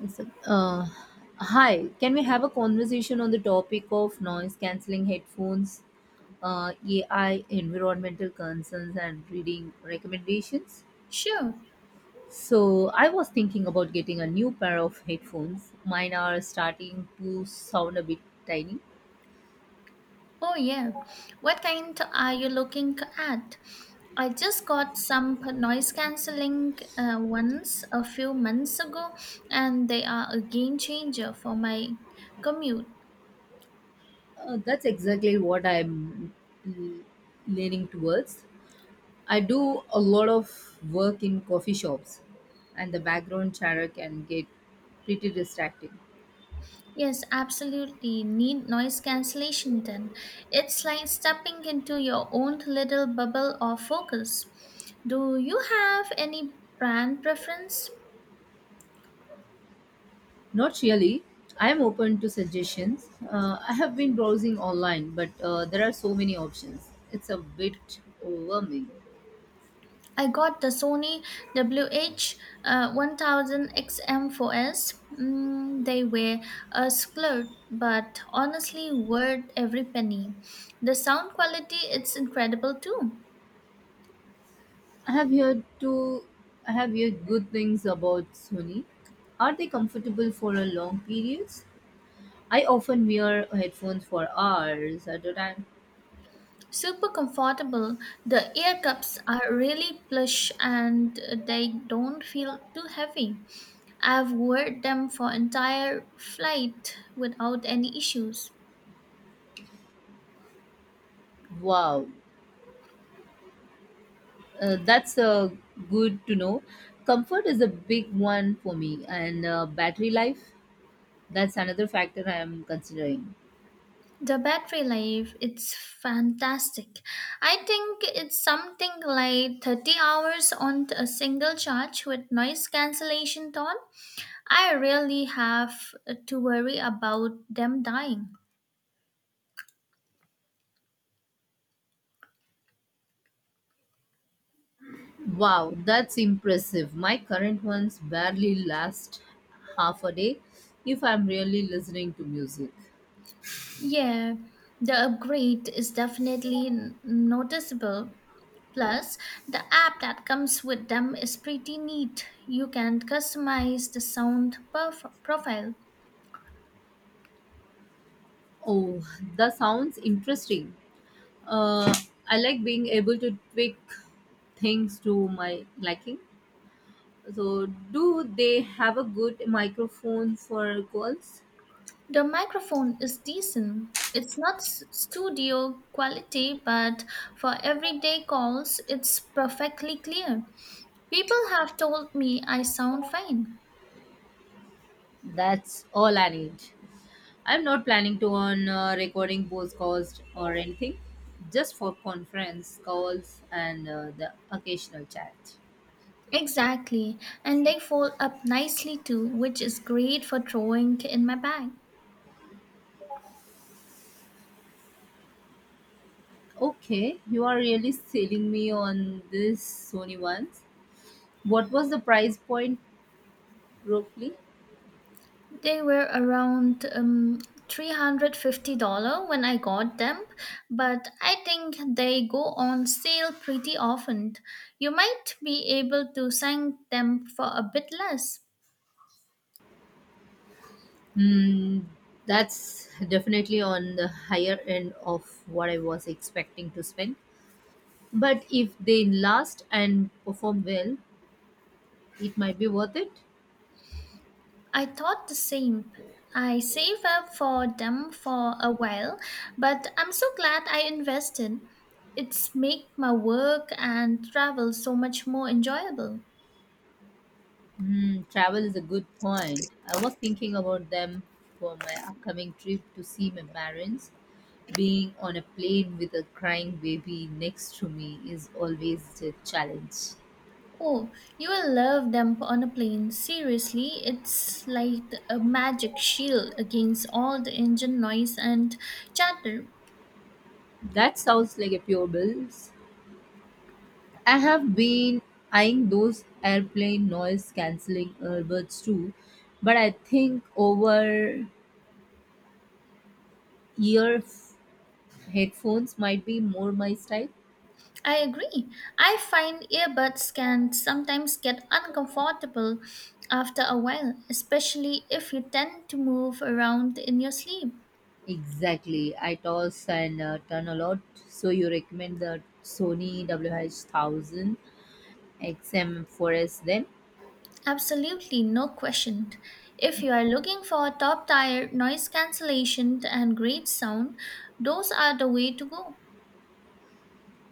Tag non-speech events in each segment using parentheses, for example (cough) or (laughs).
It's a- Uh, Hi, can we have a conversation on the topic of noise cancelling headphones, AI, environmental concerns, and reading recommendations? Sure. So, I was thinking about getting a new pair of headphones. Mine are starting to sound a bit tiny. Oh, yeah. What kind are you looking at? I just got some noise cancelling ones a few months ago, and they are a game changer for my commute. That's exactly what I'm l- leaning towards. I do a lot of work in coffee shops, and the background chatter can get pretty distracting. Yes, absolutely need noise cancellation then. It's like stepping into your own little bubble of focus. Do you have any brand preference? Not really. I am open to suggestions. I have been browsing online, but there are so many options. It's a bit overwhelming. I got the Sony WH1000XM4S. They were a splurge, but honestly worth every penny. The sound quality it's incredible too. I have heard to I have heard good things about Sony. Are they comfortable for a long periods? I often wear headphones for hours at a time. Super comfortable. The ear cups are really plush and they don't feel too heavy. I've worn them for entire flight without any issues. Wow, that's good to know. Comfort is a big one for me, and battery life. That's another factor I am considering. The battery life, it's fantastic. I think it's something like 30 hours on a single charge with noise cancellation on. I really have to worry about them dying. Wow, that's impressive. My current ones barely last half a day if I'm really listening to music. Yeah, the upgrade is definitely noticeable. Plus, the app that comes with them is pretty neat. You can customize the sound profile. Oh, that sounds interesting. Uh, I like being able to tweak things to my liking. So, do they have a good microphone for calls? The microphone is decent. It's not studio quality, but for everyday calls, it's perfectly clear. People have told me I sound fine. That's all I need. I'm not planning to on recording both calls or anything, just for conference calls and the occasional chat. Exactly, and they fold up nicely too, which is great for throwing in my bag. Okay, you are really selling me on this Sony ones. What was the price point roughly? They were around $350 when I got them, but I think they go on sale pretty often. You might be able to send them for a bit less. Hmm, that's definitely on the higher end of what I was expecting to spend. But if they last and perform well, it might be worth it. I thought the same. I saved up for them for a while, but I'm so glad I invested. It's make my work and travel so much more enjoyable. Hmm, travel is a good point. I was thinking about them for my upcoming trip to see my parents. Being on a plane with a crying baby next to me is always a challenge. Oh, you will love them on a plane. Seriously, it's like a magic shield against all the engine noise and chatter. That sounds like a pure bills. I have been eyeing those airplane noise cancelling earbuds too, but I think over ear headphones might be more my style. I agree. I find earbuds can sometimes get uncomfortable after a while, especially if you tend to move around in your sleep. Exactly. I toss and turn a lot. So you recommend the Sony WH-1000 XM4S then? Absolutely, no question. If you are looking for top tier noise cancellation and great sound, those are the way to go.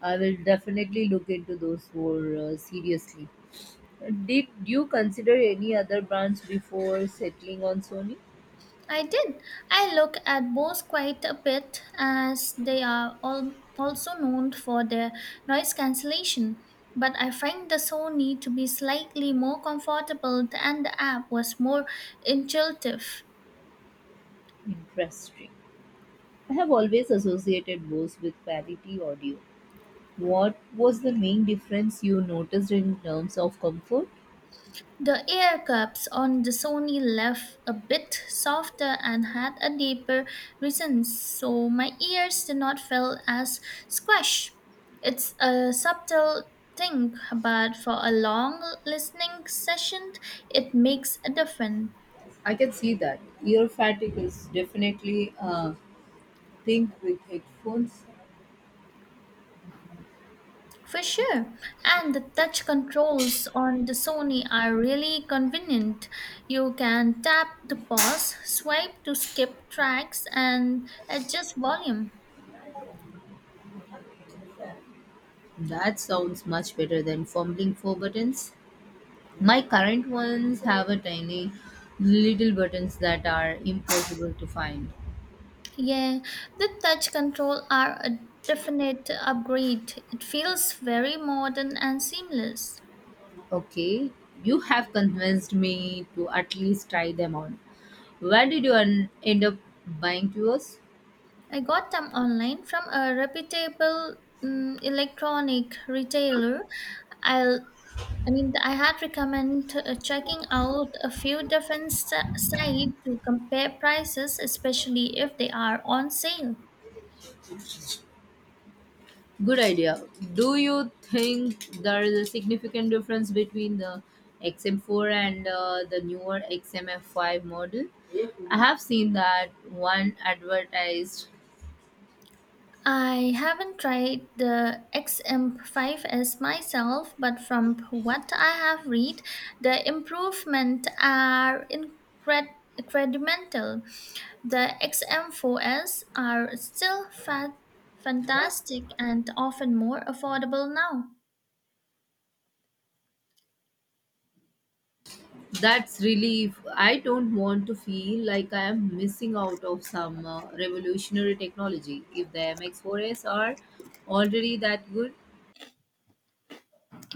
I will definitely look into those more seriously. Did you consider any other brands before settling on Sony? I did. I look at both quite a bit as they are all also known for their noise cancellation, but I find the Sony to be slightly more comfortable and the app was more intuitive. Interesting. I have always associated Bose with quality audio. What was the main difference you noticed in terms of comfort? The air cups on the Sony left a bit softer and had a deeper resonance, so my ears did not feel as squash. It's a subtle thing, but for a long listening session, it makes a difference. I can see that. Ear fatigue is definitely Think with headphones? For sure. And the touch controls on the Sony are really convenient. You can tap to pause, swipe to skip tracks, and adjust volume. That sounds much better than fumbling for buttons. My current ones have a tiny little buttons that are impossible to find. Yeah, the touch control are a definite upgrade. It feels very modern and seamless. Okay, you have convinced me to at least try them on. Where did you end up buying yours? I got them online from a reputable electronic retailer. I'll I mean, I had recommend checking out a few different sites to compare prices, especially if they are on sale. Good idea. Do you think there is a significant difference between the XM4 and the newer XMF5 model? I have seen that one advertised. I haven't tried the XM5S myself, but from what I have read, the improvements are incremental. The XM4S are still fantastic and often more affordable now. That's relief. I don't want to feel like I am missing out of some revolutionary technology. If the MX4s are already that good,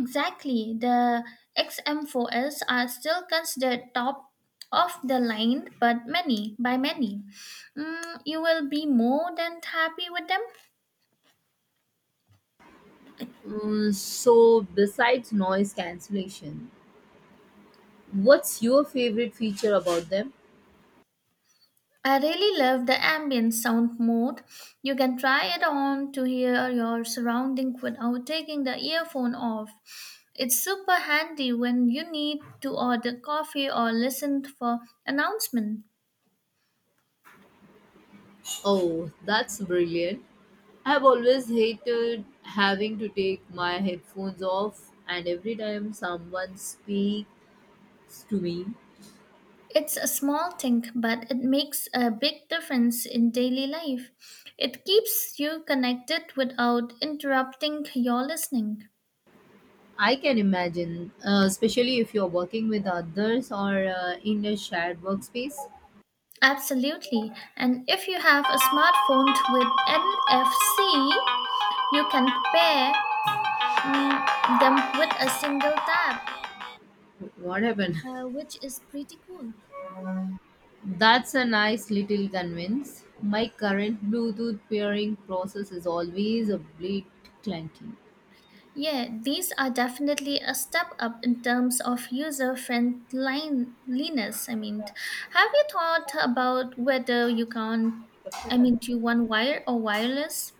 Exactly, the XM4S are still considered top of the line, but many by many. You will be more than happy with them. mm, so besides noise cancellation, what's your favorite feature about them? I really love the ambient sound mode. You can try it on to hear your surroundings without taking the earphone off. It's super handy when you need to order coffee or listen for announcement. Oh, that's brilliant. I've always hated having to take my headphones off, and every time someone speaks to me, It's a small thing, but it makes a big difference in daily life. It keeps you connected without interrupting your listening. I can imagine, especially if you're working with others or in a shared workspace. Absolutely. And if you have a smartphone with NFC, you can pair them with a single tap, What happened? Which is pretty cool. (laughs) That's a nice little convince. My current Bluetooth pairing process is always a bit clunky. Yeah, these are definitely a step up in terms of user friendliness. I mean, have you thought about whether you can, I mean, do you want wire or wireless?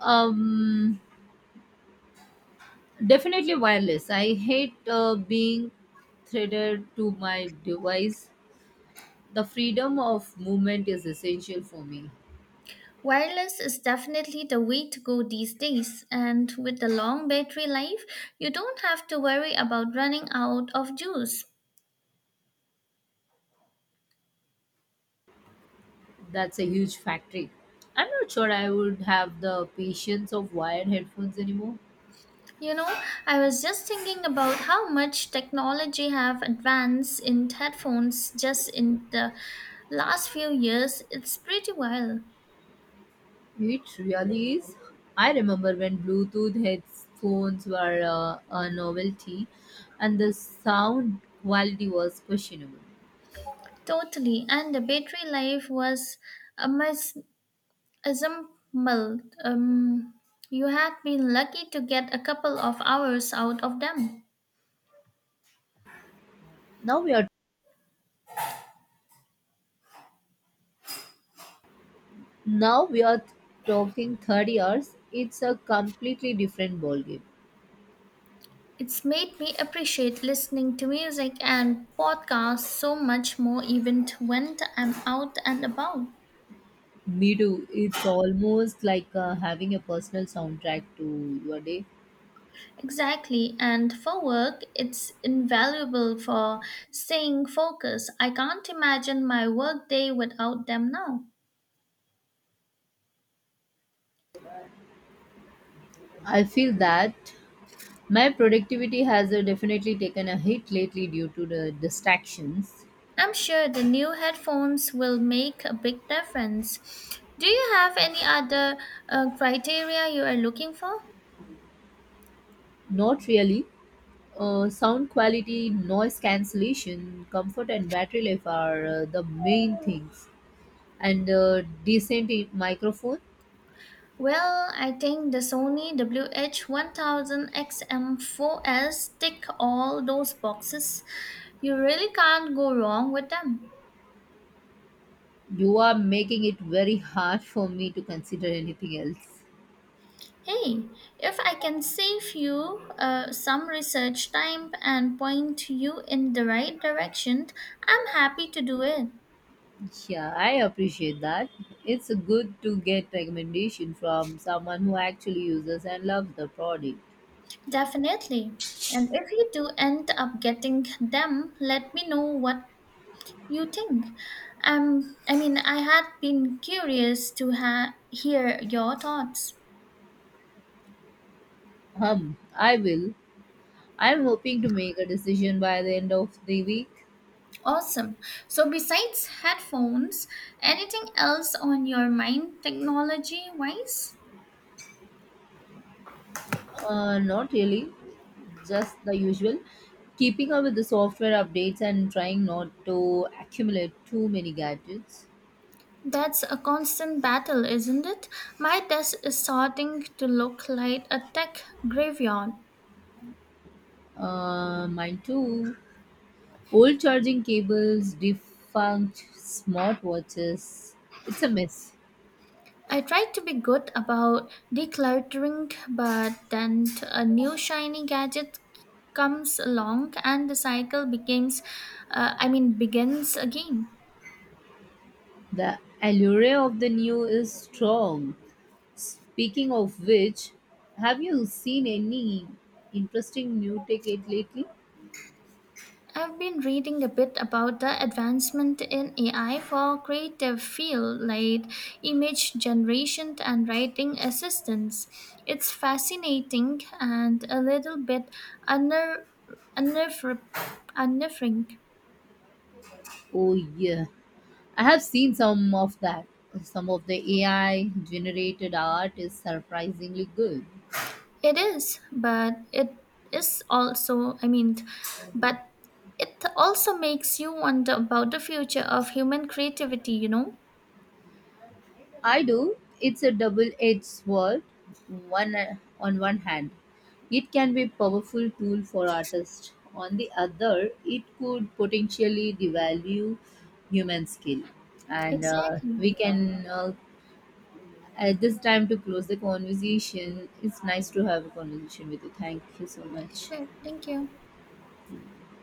Um, Definitely wireless. I hate being threaded to my device. The freedom of movement is essential for me. Wireless is definitely the way to go these days, and with the long battery life, you don't have to worry about running out of juice. That's a huge factor. I'm not sure I would have the patience of wired headphones anymore. You know, I was just thinking about how much technology have advanced in headphones just in the last few years. It's pretty wild. It really is. I remember when Bluetooth headphones were a novelty and the sound quality was questionable. Totally. And the battery life was amaz, abysmal. You had been lucky to get a couple of hours out of them. Now we are Now we are talking 30 hours. It's a completely different ballgame. It's made me appreciate listening to music and podcasts so much more even when I'm out and about. Me too. It's almost like having a personal soundtrack to your day. Exactly. And for work, it's invaluable for staying focused. I can't imagine my workday without them now. I feel that my productivity has definitely taken a hit lately due to the distractions. I'm sure the new headphones will make a big difference. Do you have any other criteria you are looking for? Not really. Sound quality, noise cancellation, comfort, and battery life are the main things. And decent microphone. Well, I think the Sony WH-1000XM4S tick all those boxes. You really can't go wrong with them. You are making it very hard for me to consider anything else. Hey, if I can save you some research time and point you in the right direction, I'm happy to do it. Yeah, I appreciate that. It's good to get recommendation from someone who actually uses and loves the product. Definitely. And if you do end up getting them, let me know what you think. I mean, I had been curious to hear your thoughts. I will. I'm hoping to make a decision by the end of the week. Awesome. So, besides headphones, anything else on your mind technology wise? Not really, just the usual. Keeping up with the software updates and trying not to accumulate too many gadgets. That's a constant battle, isn't it? My desk is starting to look like a tech graveyard. Mine too. Old charging cables, defunct smartwatches. It's a mess. I try to be good about decluttering, but then a new shiny gadget comes along and the cycle I mean, begins again. The allure of the new is strong. Speaking of which, have you seen any interesting new tech aid lately? I've been reading a bit about the advancement in AI for creative field like image generation and writing assistance. It's fascinating and a little bit unner- unnerv- unnerving. Oh yeah, I have seen some of that. Some of the AI generated art is surprisingly good. It is, but it is also, I mean, but it also makes you wonder about the future of human creativity, you know? I do. It's a double-edged sword. One On one hand, it can be a powerful tool for artists. On the other, it could potentially devalue human skill. And Exactly. we can at this time to close the conversation. It's nice to have a conversation with you. Thank you so much. Sure. Thank you.